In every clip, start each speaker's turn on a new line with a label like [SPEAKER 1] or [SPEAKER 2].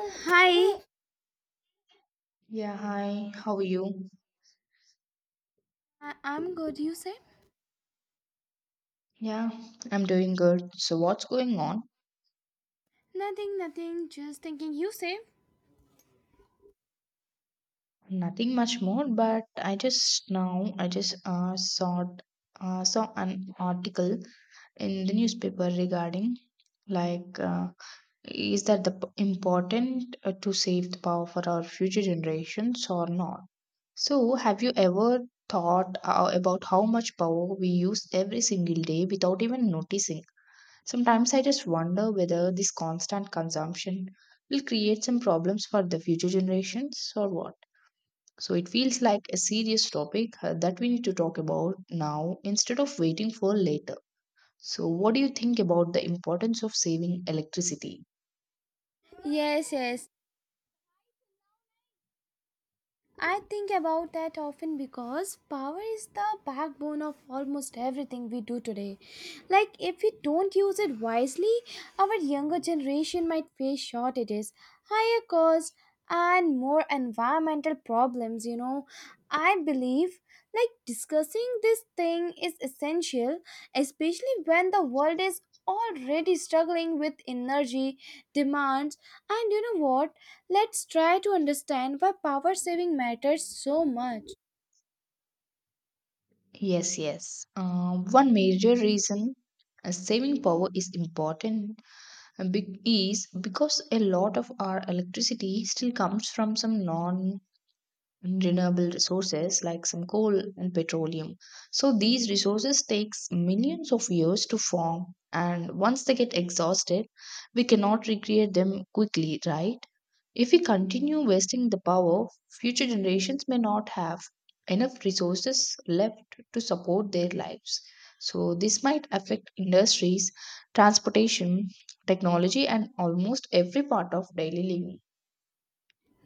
[SPEAKER 1] Hi. Hey,
[SPEAKER 2] Yeah, hi. How are you?
[SPEAKER 1] I'm good. You say?
[SPEAKER 2] Yeah, I'm doing good. So what's going on?
[SPEAKER 1] Nothing, nothing. Just thinking. You say?
[SPEAKER 2] Nothing much more, but I just now I just saw saw an article in the newspaper regarding like uh, is that the important to save the power for our future generations or not? So have you ever thought about how much power we use every single day without even noticing? Sometimes I just wonder whether this constant consumption will create some problems for the future generations or what. So it feels like a serious topic that we need to talk about now instead of waiting for later. So, what do you think about the importance of saving electricity?
[SPEAKER 1] Yes, yes. I think about that often because power is the backbone of almost everything we do today. Like, if we don't use it wisely, our younger generation might face shortages, higher costs, and more environmental problems. You know, I believe like discussing this thing is essential, especially when the world is already struggling with energy demands. And you know what? Let's try to understand why power saving matters so much.
[SPEAKER 2] Yes, yes. One major reason saving power is important is because a lot of our electricity still comes from some non and renewable resources like some coal and petroleum. So these resources takes millions of years to form and once they get exhausted, we cannot recreate them quickly, right? If we continue wasting the power, future generations may not have enough resources left to support their lives. So this might affect industries, transportation, technology and almost every part of daily living.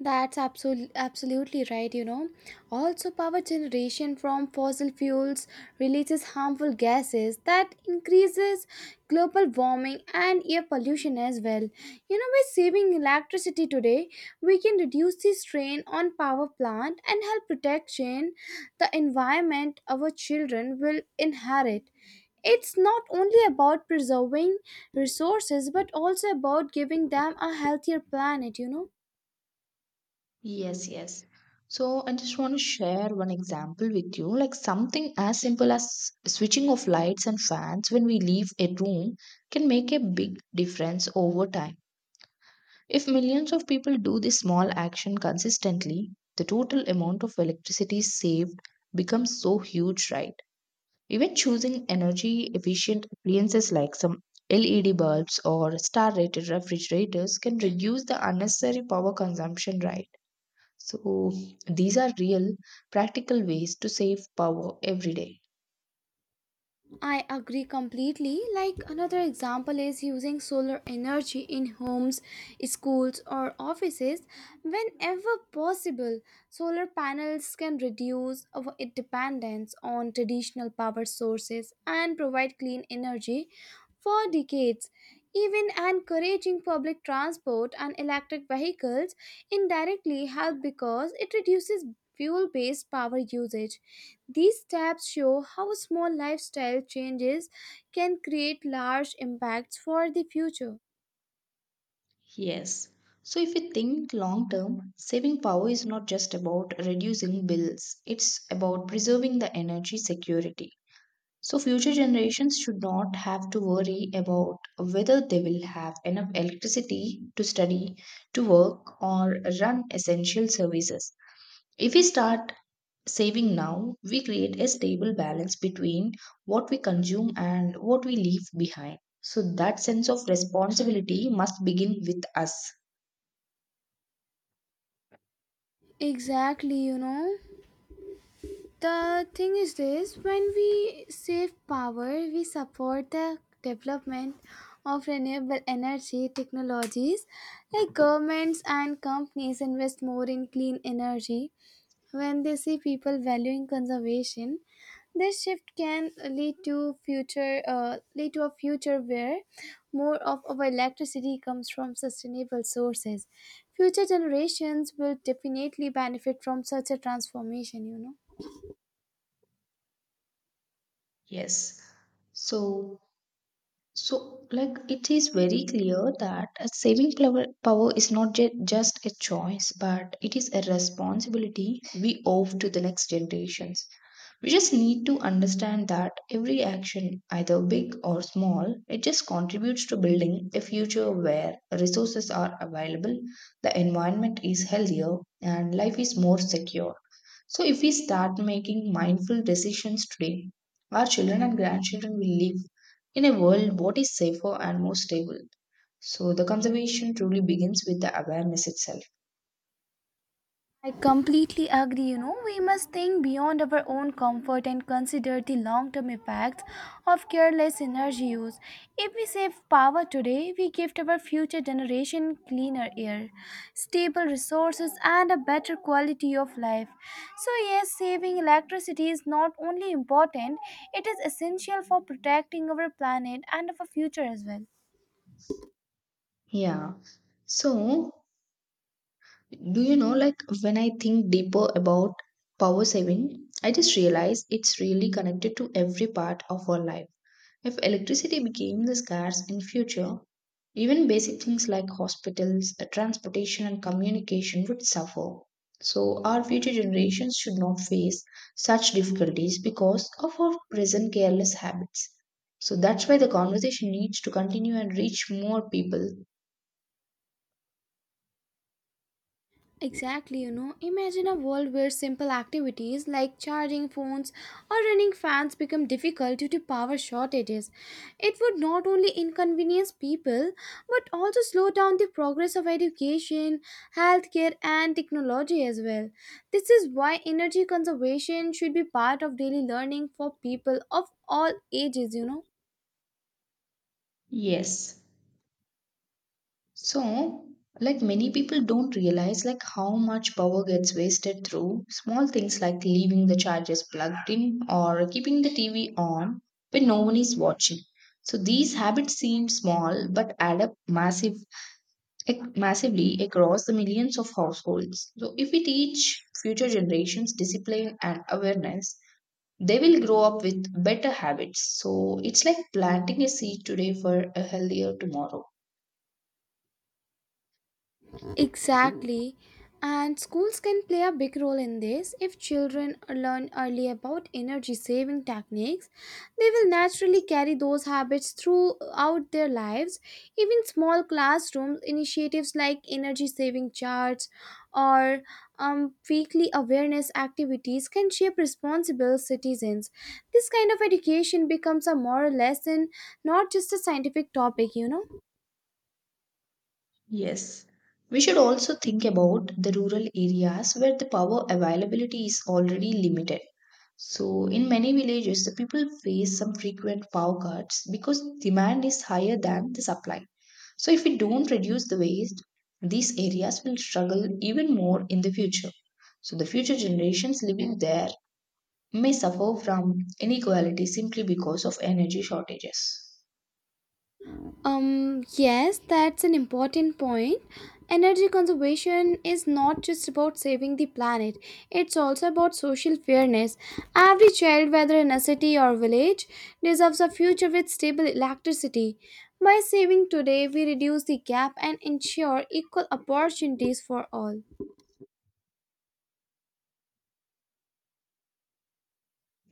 [SPEAKER 1] That's absolutely right, you know. Also, power generation from fossil fuels releases harmful gases that increases global warming and air pollution as well. You know, by saving electricity today, we can reduce the strain on power plant and help protection the environment our children will inherit. It's not only about preserving resources but also about giving them a healthier planet, you know.
[SPEAKER 2] Yes, yes. So I just want to share one example with you, like something as simple as switching off lights and fans when we leave a room can make a big difference over time. If millions of people do this small action consistently, the total amount of electricity saved becomes so huge, right? Even choosing energy efficient appliances like some LED bulbs or star rated refrigerators can reduce the unnecessary power consumption, right? So, these are real, practical ways to save power every day.
[SPEAKER 1] I agree completely. Like another example is using solar energy in homes, schools, or offices whenever possible. Solar panels can reduce our dependence on traditional power sources and provide clean energy for decades, even encouraging public transport and electric vehicles indirectly help because it reduces fuel based power usage. These steps show how small lifestyle changes can create large impacts for the future.
[SPEAKER 2] Yes. So if we think long term, saving power is not just about reducing bills, it's about preserving the energy security. So future generations should not have to worry about whether they will have enough electricity to study, to work, or run essential services. If we start saving now, we create a stable balance between what we consume and what we leave behind. So that sense of responsibility must begin with us.
[SPEAKER 1] Exactly, you know. The thing is this when we save power, we support the development of renewable energy technologies. Like governments and companies invest more in clean energy. When they see people valuing conservation, this shift can lead to future lead to a future where more of our electricity comes from sustainable sources. Future generations will definitely benefit from such a transformation, you know.
[SPEAKER 2] Yes. So So, like, it is very clear that a saving power is not just a choice, but it is a responsibility we owe to the next generations. We just need to understand that every action, either big or small, it just contributes to building a future where resources are available, the environment is healthier, and life is more secure. So, if we start making mindful decisions today, our children and grandchildren will live in a world, what is safer and more stable? So, the conservation truly begins with the awareness itself.
[SPEAKER 1] I completely agree. You know, we must think beyond our own comfort and consider the long term effects of careless energy use. If we save power today, we gift our future generation cleaner air, stable resources, and a better quality of life. So, yes, saving electricity is not only important, it is essential for protecting our planet and our future as well.
[SPEAKER 2] Yeah. So, do you know, like, when I think deeper about power saving, I just realize it's really connected to every part of our life. If electricity became the scarce in future, even basic things like hospitals, transportation and communication would suffer. So our future generations should not face such difficulties because of our present careless habits. So that's why the conversation needs to continue and reach more people.
[SPEAKER 1] Exactly, you know. Imagine a world where simple activities like charging phones or running fans become difficult due to power shortages. It would not only inconvenience people but also slow down the progress of education, healthcare, and technology as well. This is why energy conservation should be part of daily learning for people of all ages, you know.
[SPEAKER 2] Yes. So, like many people don't realize like how much power gets wasted through small things like leaving the chargers plugged in or keeping the TV on when no one is watching. So these habits seem small but add up massively across the millions of households. So if we teach future generations discipline and awareness, they will grow up with better habits. So it's like planting a seed today for a healthier tomorrow.
[SPEAKER 1] Exactly. And schools can play a big role in this. If children learn early about energy saving techniques, they will naturally carry those habits throughout their lives. Even small classroom initiatives like energy saving charts or weekly awareness activities can shape responsible citizens. This kind of education becomes a moral lesson, not just a scientific topic, you know.
[SPEAKER 2] Yes. We should also think about the rural areas where the power availability is already limited. So, in many villages, the people face some frequent power cuts because demand is higher than the supply. So, if we don't reduce the waste, these areas will struggle even more in the future. So, the future generations living there may suffer from inequality simply because of energy shortages.
[SPEAKER 1] Yes, that's an important point. Energy conservation is not just about saving the planet, it's also about social fairness. Every child, whether in a city or village, deserves a future with stable electricity. By saving today, we reduce the gap and ensure equal opportunities for all.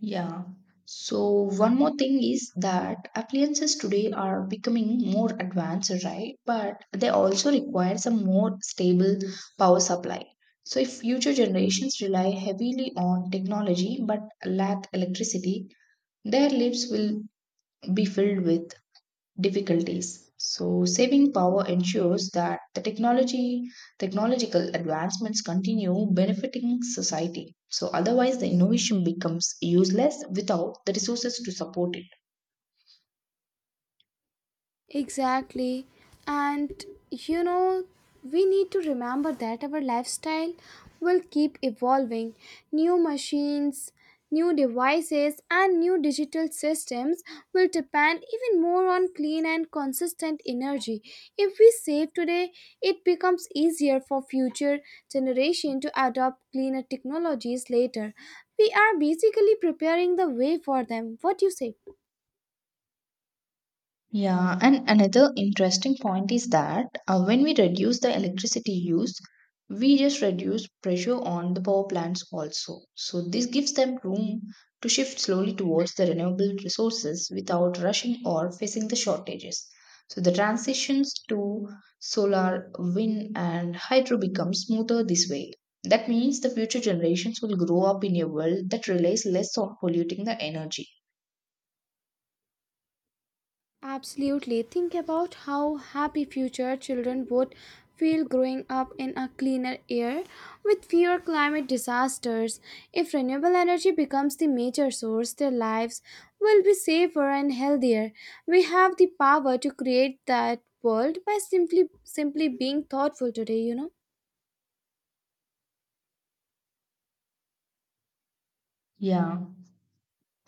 [SPEAKER 2] Yeah. So one more thing is that appliances today are becoming more advanced, right? But they also require some more stable power supply. So if future generations rely heavily on technology but lack electricity, their lives will be filled with difficulties. So saving power ensures that the technology technological advancements continue benefiting society. So otherwise the innovation becomes useless without the resources to support it.
[SPEAKER 1] Exactly. And you know, we need to remember that our lifestyle will keep evolving. New machines, new devices, and new digital systems will depend even more on clean and consistent energy. If we save today, it becomes easier for future generation to adopt cleaner technologies later. We are basically preparing the way for them. What do you say?
[SPEAKER 2] Yeah, and another interesting point is that when we reduce the electricity use, we just reduce pressure on the power plants also. So, this gives them room to shift slowly towards the renewable resources without rushing or facing the shortages. So, the transitions to solar, wind, and hydro become smoother this way. That means the future generations will grow up in a world that relies less on polluting the energy.
[SPEAKER 1] Absolutely. Think about how happy future children would feel growing up in a cleaner air with fewer climate disasters. If renewable energy becomes the major source, their lives will be safer and healthier. We have the power to create that world by simply being thoughtful today, you know.
[SPEAKER 2] Yeah.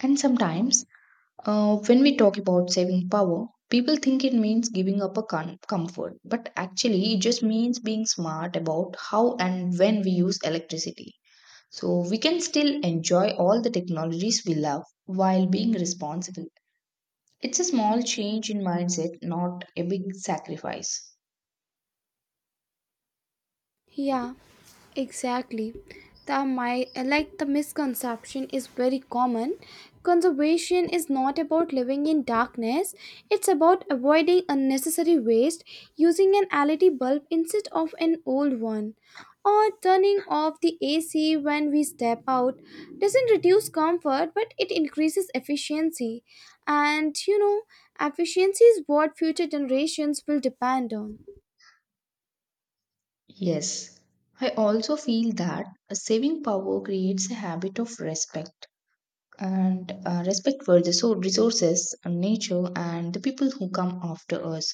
[SPEAKER 2] And sometimes when we talk about saving power, people think it means giving up a comfort, but actually, it just means being smart about how and when we use electricity. So we can still enjoy all the technologies we love while being responsible. It's a small change in mindset, not a big sacrifice.
[SPEAKER 1] Yeah, exactly. The my like the misconception is very common. Conservation is not about living in darkness. It's about avoiding unnecessary waste, using an LED bulb instead of an old one, or turning off the AC when we step out. Doesn't reduce comfort, but it increases efficiency. And you know, efficiency is what future generations will depend on.
[SPEAKER 2] Yes, I also feel that saving power creates a habit of respect, and respect for the so resources and nature and the people who come after us.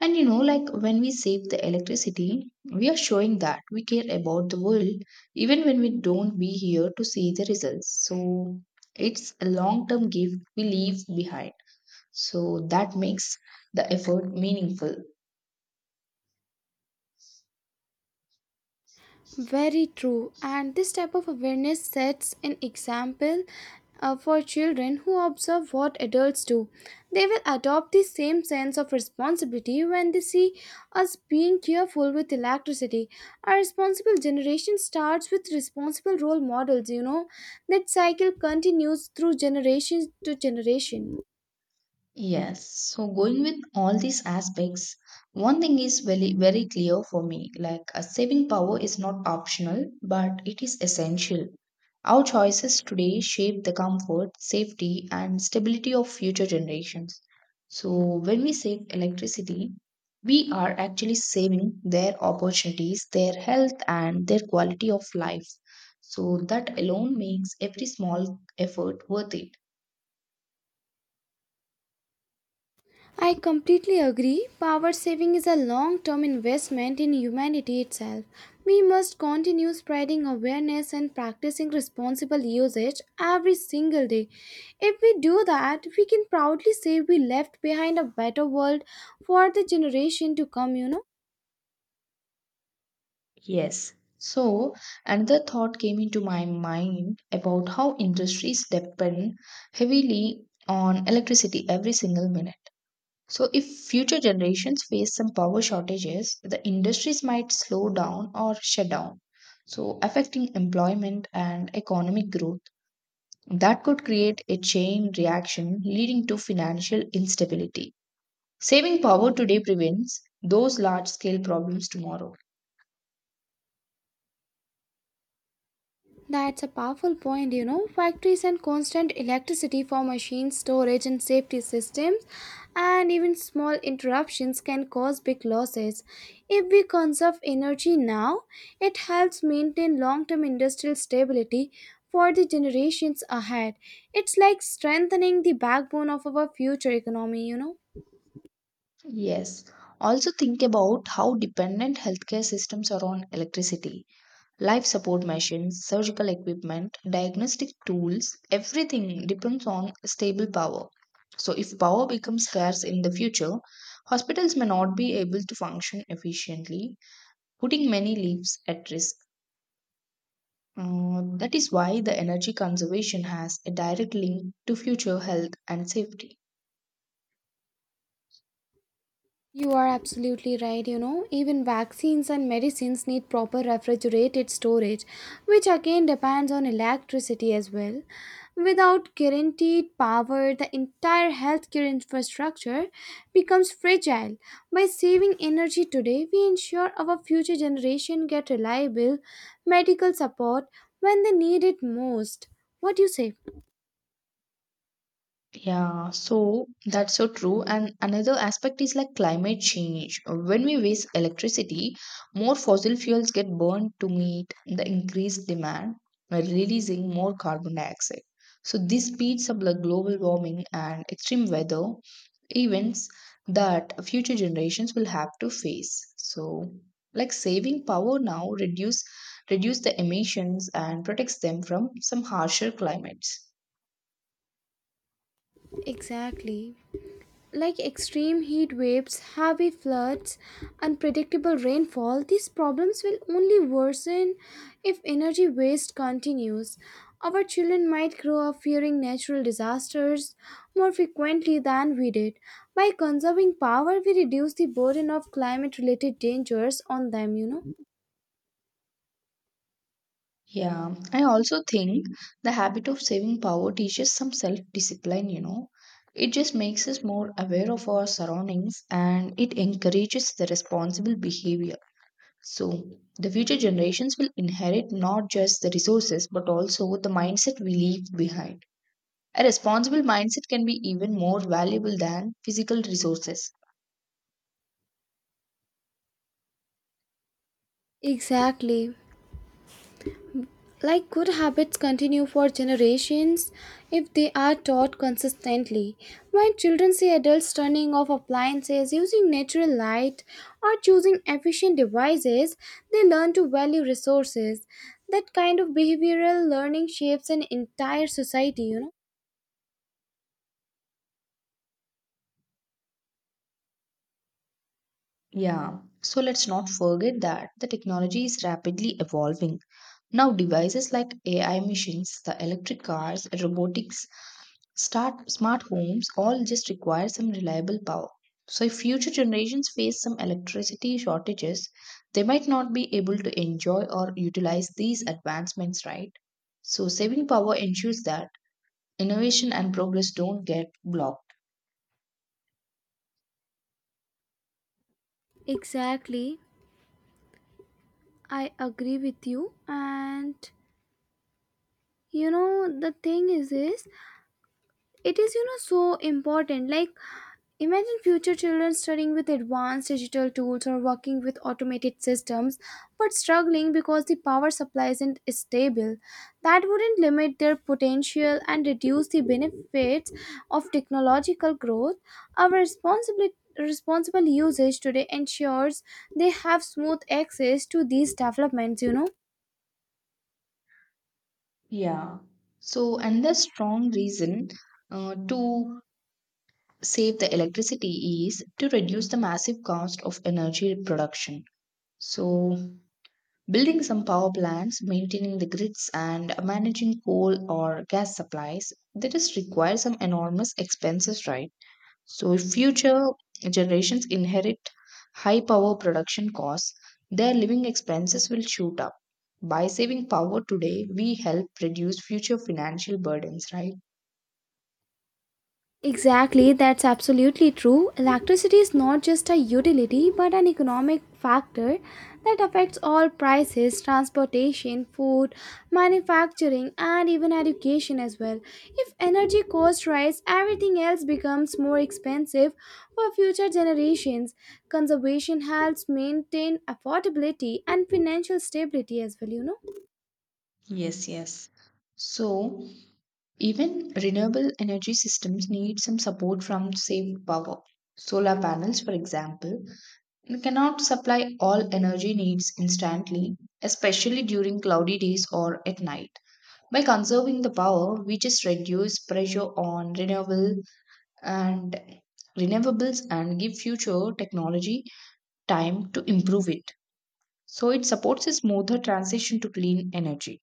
[SPEAKER 2] And you know, like when we save the electricity, we are showing that we care about the world even when we don't be here to see the results. So it's a long term gift we leave behind, so that makes the effort meaningful.
[SPEAKER 1] Very true. And this type of awareness sets an example for children who observe what adults do. They will adopt the same sense of responsibility when they see us being careful with electricity. A responsible generation starts with responsible role models, you know. That cycle continues through generation to generation.
[SPEAKER 2] Yes, so going with all these aspects, one thing is very, very clear for me, like a saving power is not optional, but it is essential. Our choices today shape the comfort, safety, and stability of future generations. So, when we save electricity, we are actually saving their opportunities, their health, and their quality of life. So, that alone makes every small effort worth it.
[SPEAKER 1] I completely agree. Power saving is a long term investment in humanity itself. We must continue spreading awareness and practicing responsible usage every single day. If we do that, we can proudly say we left behind a better world for the generation to come, you know.
[SPEAKER 2] Yes. So another thought came into my mind about how industries depend heavily on electricity every single minute. So if future generations face some power shortages, the industries might slow down or shut down, so affecting employment and economic growth. That could create a chain reaction leading to financial instability. Saving power today prevents those large scale problems tomorrow.
[SPEAKER 1] That's a powerful point, you know. Factories and constant electricity for machines, storage, and safety systems, and even small interruptions can cause big losses. If we conserve energy now, it helps maintain long term industrial stability for the generations ahead. It's like strengthening the backbone of our future economy, you know.
[SPEAKER 2] Yes. Also think about how dependent healthcare systems are on electricity. Life support machines, surgical equipment, diagnostic tools, everything depends on stable power. So if power becomes scarce in the future, hospitals may not be able to function efficiently, putting many lives at risk. That is why the energy conservation has a direct link to future health and safety.
[SPEAKER 1] You are absolutely right. You know, even vaccines and medicines need proper refrigerated storage, which again depends on electricity as well. Without guaranteed power, the entire healthcare infrastructure becomes fragile. By saving energy today, we ensure our future generation get reliable medical support when they need it most. What do you say?
[SPEAKER 2] Yeah, so that's so true. And another aspect is like climate change. When we waste electricity, more fossil fuels get burned to meet the increased demand, releasing more carbon dioxide. So this speeds up the global warming and extreme weather events that future generations will have to face. So, like saving power now reduce the emissions and protects them from some harsher climates.
[SPEAKER 1] Exactly. Like extreme heat waves, heavy floods, unpredictable rainfall, these problems will only worsen if energy waste continues. Our children might grow up fearing natural disasters more frequently than we did. By conserving power, we reduce the burden of climate related dangers on them, you know.
[SPEAKER 2] Yeah, I also think the habit of saving power teaches some self discipline, you know. It just makes us more aware of our surroundings and it encourages the responsible behavior. So, the future generations will inherit not just the resources but also the mindset we leave behind. A responsible mindset can be even more valuable than physical resources.
[SPEAKER 1] Exactly. Like good habits continue for generations if they are taught consistently. When children see adults turning off appliances, using natural light, or choosing efficient devices, they learn to value resources. That kind of behavioral learning shapes an entire society, you know.
[SPEAKER 2] Yeah, so let's not forget that the technology is rapidly evolving. Now, devices like AI machines, the electric cars, robotics, start smart homes all just require some reliable power. So, if future generations face some electricity shortages, they might not be able to enjoy or utilize these advancements, right? So, saving power ensures that innovation and progress don't get blocked.
[SPEAKER 1] Exactly. I agree with you. And you know, the thing is this it is, you know, so important. Like, imagine future children studying with advanced digital tools or working with automated systems, but struggling because the power supply isn't stable. That wouldn't limit their potential and reduce the benefits of technological growth. Our responsibility responsible usage today ensures they have smooth access to these developments, you know.
[SPEAKER 2] Yeah. So, another strong reason to save the electricity is to reduce the massive cost of energy production. So, building some power plants, maintaining the grids, and managing coal or gas supplies, that is require some enormous expenses, right? So, if future generations inherit high power production costs, their living expenses will shoot up. By saving power today, we help reduce future financial burdens, right?
[SPEAKER 1] Exactly, that's absolutely true. Electricity is not just a utility but an economic factor that affects all prices, transportation, food, manufacturing, and even education as well. If energy costs rise, everything else becomes more expensive for future generations. Conservation helps maintain affordability and financial stability as well, you know.
[SPEAKER 2] Yes, yes. So, even renewable energy systems need some support from saved power. Solar panels, for example, cannot supply all energy needs instantly, especially during cloudy days or at night. By conserving the power, we just reduce pressure on and renewables and give future technology time to improve it. So it supports a smoother transition to clean energy.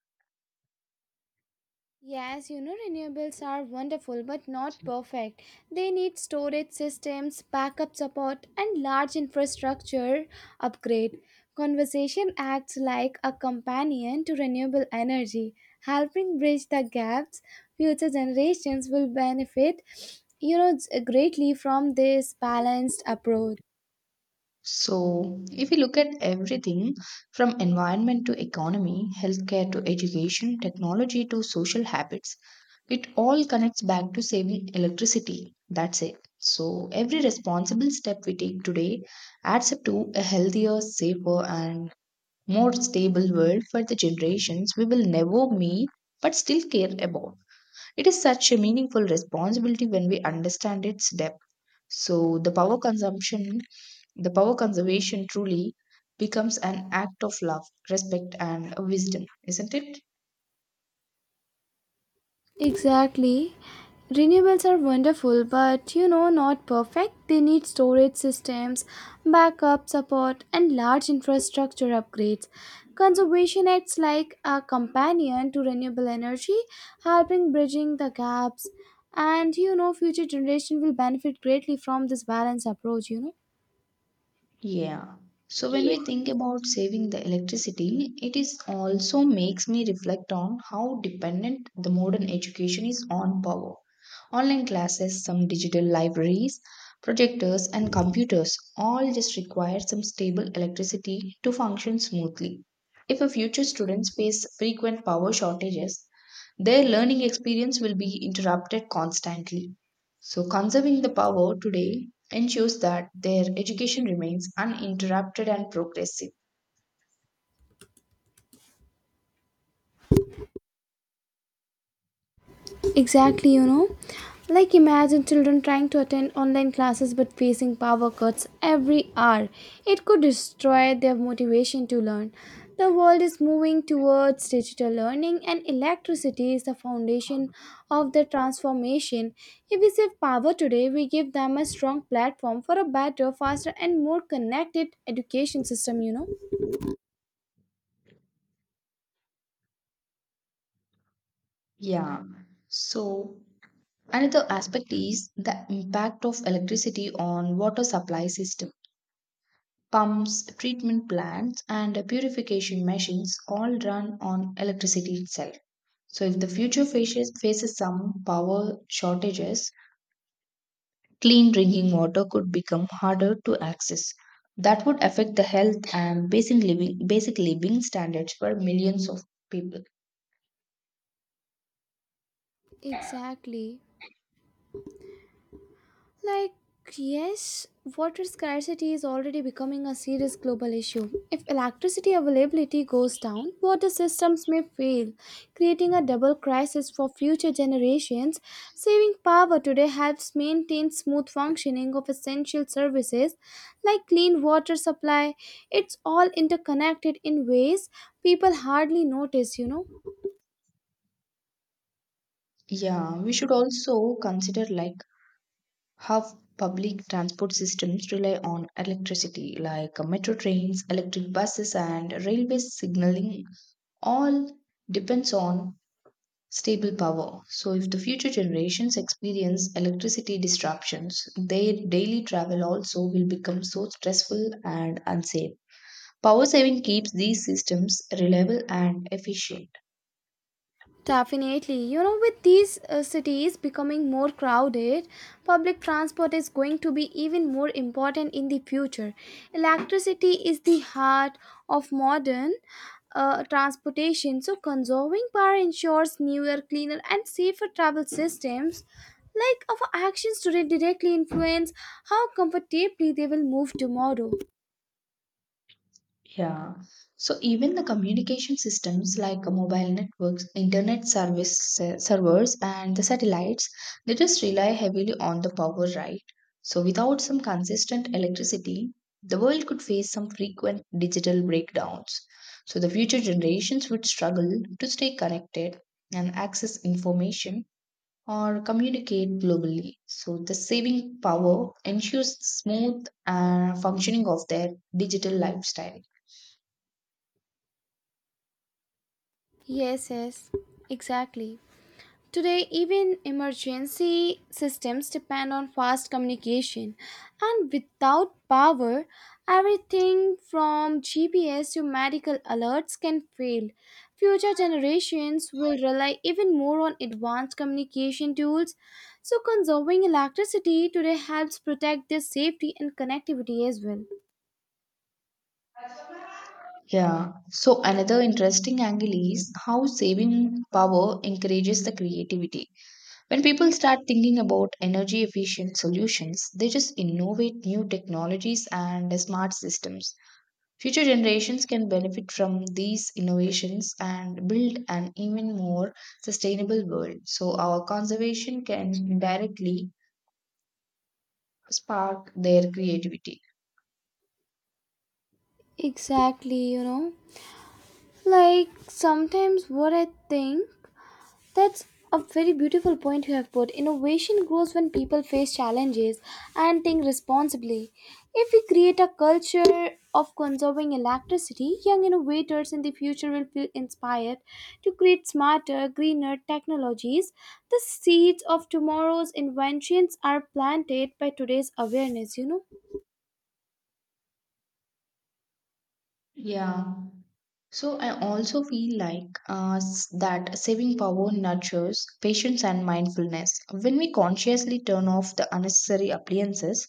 [SPEAKER 1] Yes, you know, renewables are wonderful but not perfect. They need storage systems, backup support, and large infrastructure upgrade. Conversation acts like a companion to renewable energy, helping bridge the gaps. Future generations will benefit, you know, greatly from this balanced approach.
[SPEAKER 2] So, if you look at everything from environment to economy, healthcare to education, technology to social habits, it all connects back to saving electricity. That's it. So, every responsible step we take today adds up to a healthier, safer, and more stable world for the generations we will never meet but still care about. It is such a meaningful responsibility when we understand its depth. So, the power conservation truly becomes an act of love, respect, and wisdom, isn't it?
[SPEAKER 1] Exactly. Renewables are wonderful, but you know, not perfect. They need storage systems, backup support, and large infrastructure upgrades. Conservation acts like a companion to renewable energy, helping bridging the gaps. And you know, future generation will benefit greatly from this balanced approach, you know.
[SPEAKER 2] Yeah. So when
[SPEAKER 1] Yeah.
[SPEAKER 2] we think about saving the electricity, it is also makes me reflect on how dependent the modern education is on power. Online classes, some digital libraries, projectors and computers all just require some stable electricity to function smoothly. If a future students face frequent power shortages, their learning experience will be interrupted constantly. So conserving the power today ensures that their education remains uninterrupted and progressive.
[SPEAKER 1] Exactly, you know. Like imagine children trying to attend online classes but facing power cuts every hour. It could destroy their motivation to learn. The world is moving towards digital learning and electricity is the foundation of the transformation. If we save power today, we give them a strong platform for a better, faster and more connected education system, you know.
[SPEAKER 2] Yeah. So, another aspect is the impact of electricity on water supply system. Pumps, treatment plants, and purification machines all run on electricity itself. So, if the future faces some power shortages, clean drinking water could become harder to access. That would affect the health and basic living standards for millions of people.
[SPEAKER 1] Exactly. Like, yes, water scarcity is already becoming a serious global issue. If electricity availability goes down, water systems may fail, creating a double crisis for future generations. Saving power today helps maintain smooth functioning of essential services like clean water supply. It's all interconnected in ways people hardly notice, you know.
[SPEAKER 2] Yeah, we should also consider like how public transport systems rely on electricity, like metro trains, electric buses, and railway signaling all depends on stable power. So if the future generations experience electricity disruptions, their daily travel also will become so stressful and unsafe. Power saving keeps these systems reliable and efficient.
[SPEAKER 1] Definitely. You know, with these cities becoming more crowded, public transport is going to be even more important in the future. Electricity is the heart of modern transportation, so conserving power ensures newer, cleaner, and safer travel systems. Like our actions today directly influence how comfortably they will move tomorrow.
[SPEAKER 2] Yeah. So even the communication systems like mobile networks, internet service servers, and the satellites, they just rely heavily on the power, right? So without some consistent electricity, the world could face some frequent digital breakdowns. So the future generations would struggle to stay connected and access information or communicate globally. So the saving power ensures smooth functioning of their digital lifestyle.
[SPEAKER 1] Yes, yes, exactly. Today, even emergency systems depend on fast communication, and without power, everything from GPS to medical alerts can fail. Future generations will rely even more on advanced communication tools, so, conserving electricity today helps protect their safety and connectivity as well.
[SPEAKER 2] Yeah. So another interesting angle is how saving power encourages the creativity. When people start thinking about energy efficient solutions, they just innovate new technologies and smart systems. Future generations can benefit from these innovations and build an even more sustainable world. So our conservation can directly spark their creativity.
[SPEAKER 1] Exactly, you know. Like sometimes what I think That's a very beautiful point you have put. Innovation grows when people face challenges and think responsibly. If we create a culture of conserving electricity, young innovators in the future will feel inspired to create smarter, greener technologies. The seeds of tomorrow's inventions are planted by today's awareness, you know?
[SPEAKER 2] Yeah. So I also feel like that saving power nurtures patience and mindfulness. When we consciously turn off the unnecessary appliances,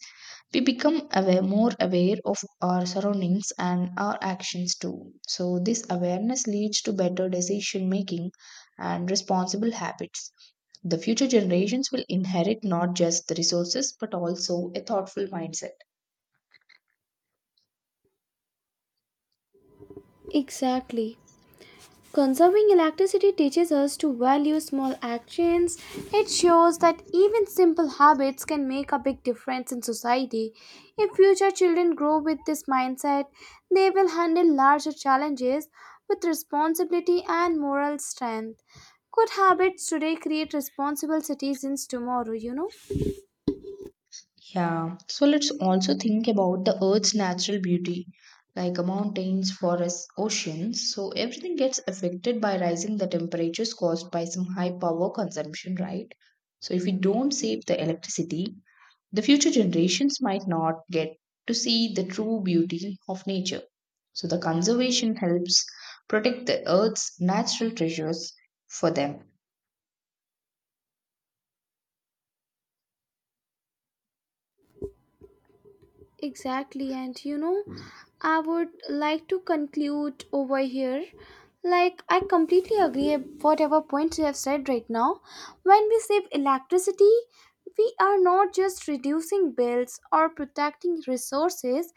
[SPEAKER 2] we become more aware of our surroundings and our actions too. So this awareness leads to better decision making and responsible habits. The future generations will inherit not just the resources but also a thoughtful mindset.
[SPEAKER 1] Exactly. Conserving electricity teaches us to value small actions. It shows that even simple habits can make a big difference in society. If future children grow with this mindset, they will handle larger challenges with responsibility and moral strength. Good habits today create responsible citizens tomorrow, you know?
[SPEAKER 2] Yeah, so let's also think about the Earth's natural beauty, like mountains, forests, oceans. So everything gets affected by rising the temperatures caused by some high power consumption, right? So if we don't save the electricity, the future generations might not get to see the true beauty of nature. So the conservation helps protect the Earth's natural treasures for them.
[SPEAKER 1] Exactly, and you know, I would like to conclude over here. Like, I completely agree with whatever points you have said right now. When we save electricity, we are not just reducing bills or protecting resources,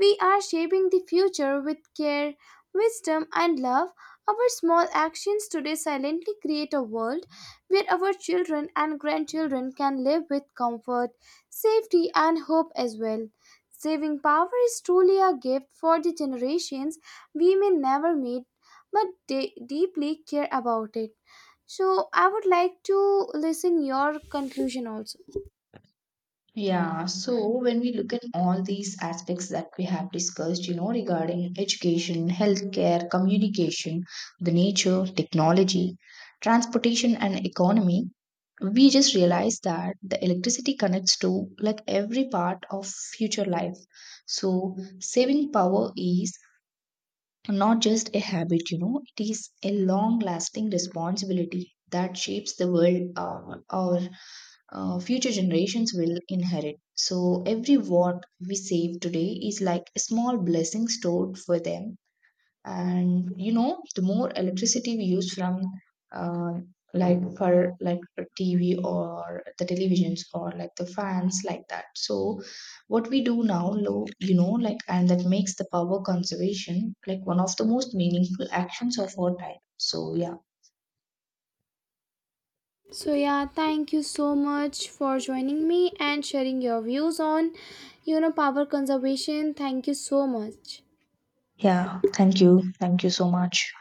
[SPEAKER 1] we are shaping the future with care, wisdom, and love. Our small actions today silently create a world where our children and grandchildren can live with comfort, safety, and hope as well. Saving power is truly a gift for the generations we may never meet but deeply care about it. So I would like to listen your conclusion also.
[SPEAKER 2] Yeah, so when we look at all these aspects that we have discussed, you know, regarding education, healthcare, communication, the nature, technology, transportation, and economy, we just realize that the electricity connects to like every part of future life. So saving power is not just a habit, you know, it is a long lasting responsibility that shapes the world or future generations will inherit. So every watt we save today is like a small blessing stored for them. And you know, the more electricity we use from uh, like for like a TV or the televisions or like the fans like that. So what we do now, and that makes the power conservation like one of the most meaningful actions of our time. So yeah.
[SPEAKER 1] So yeah, thank you so much for joining me and sharing your views on, you know, power conservation. Thank you so much.
[SPEAKER 2] Yeah, thank you. Thank you so much.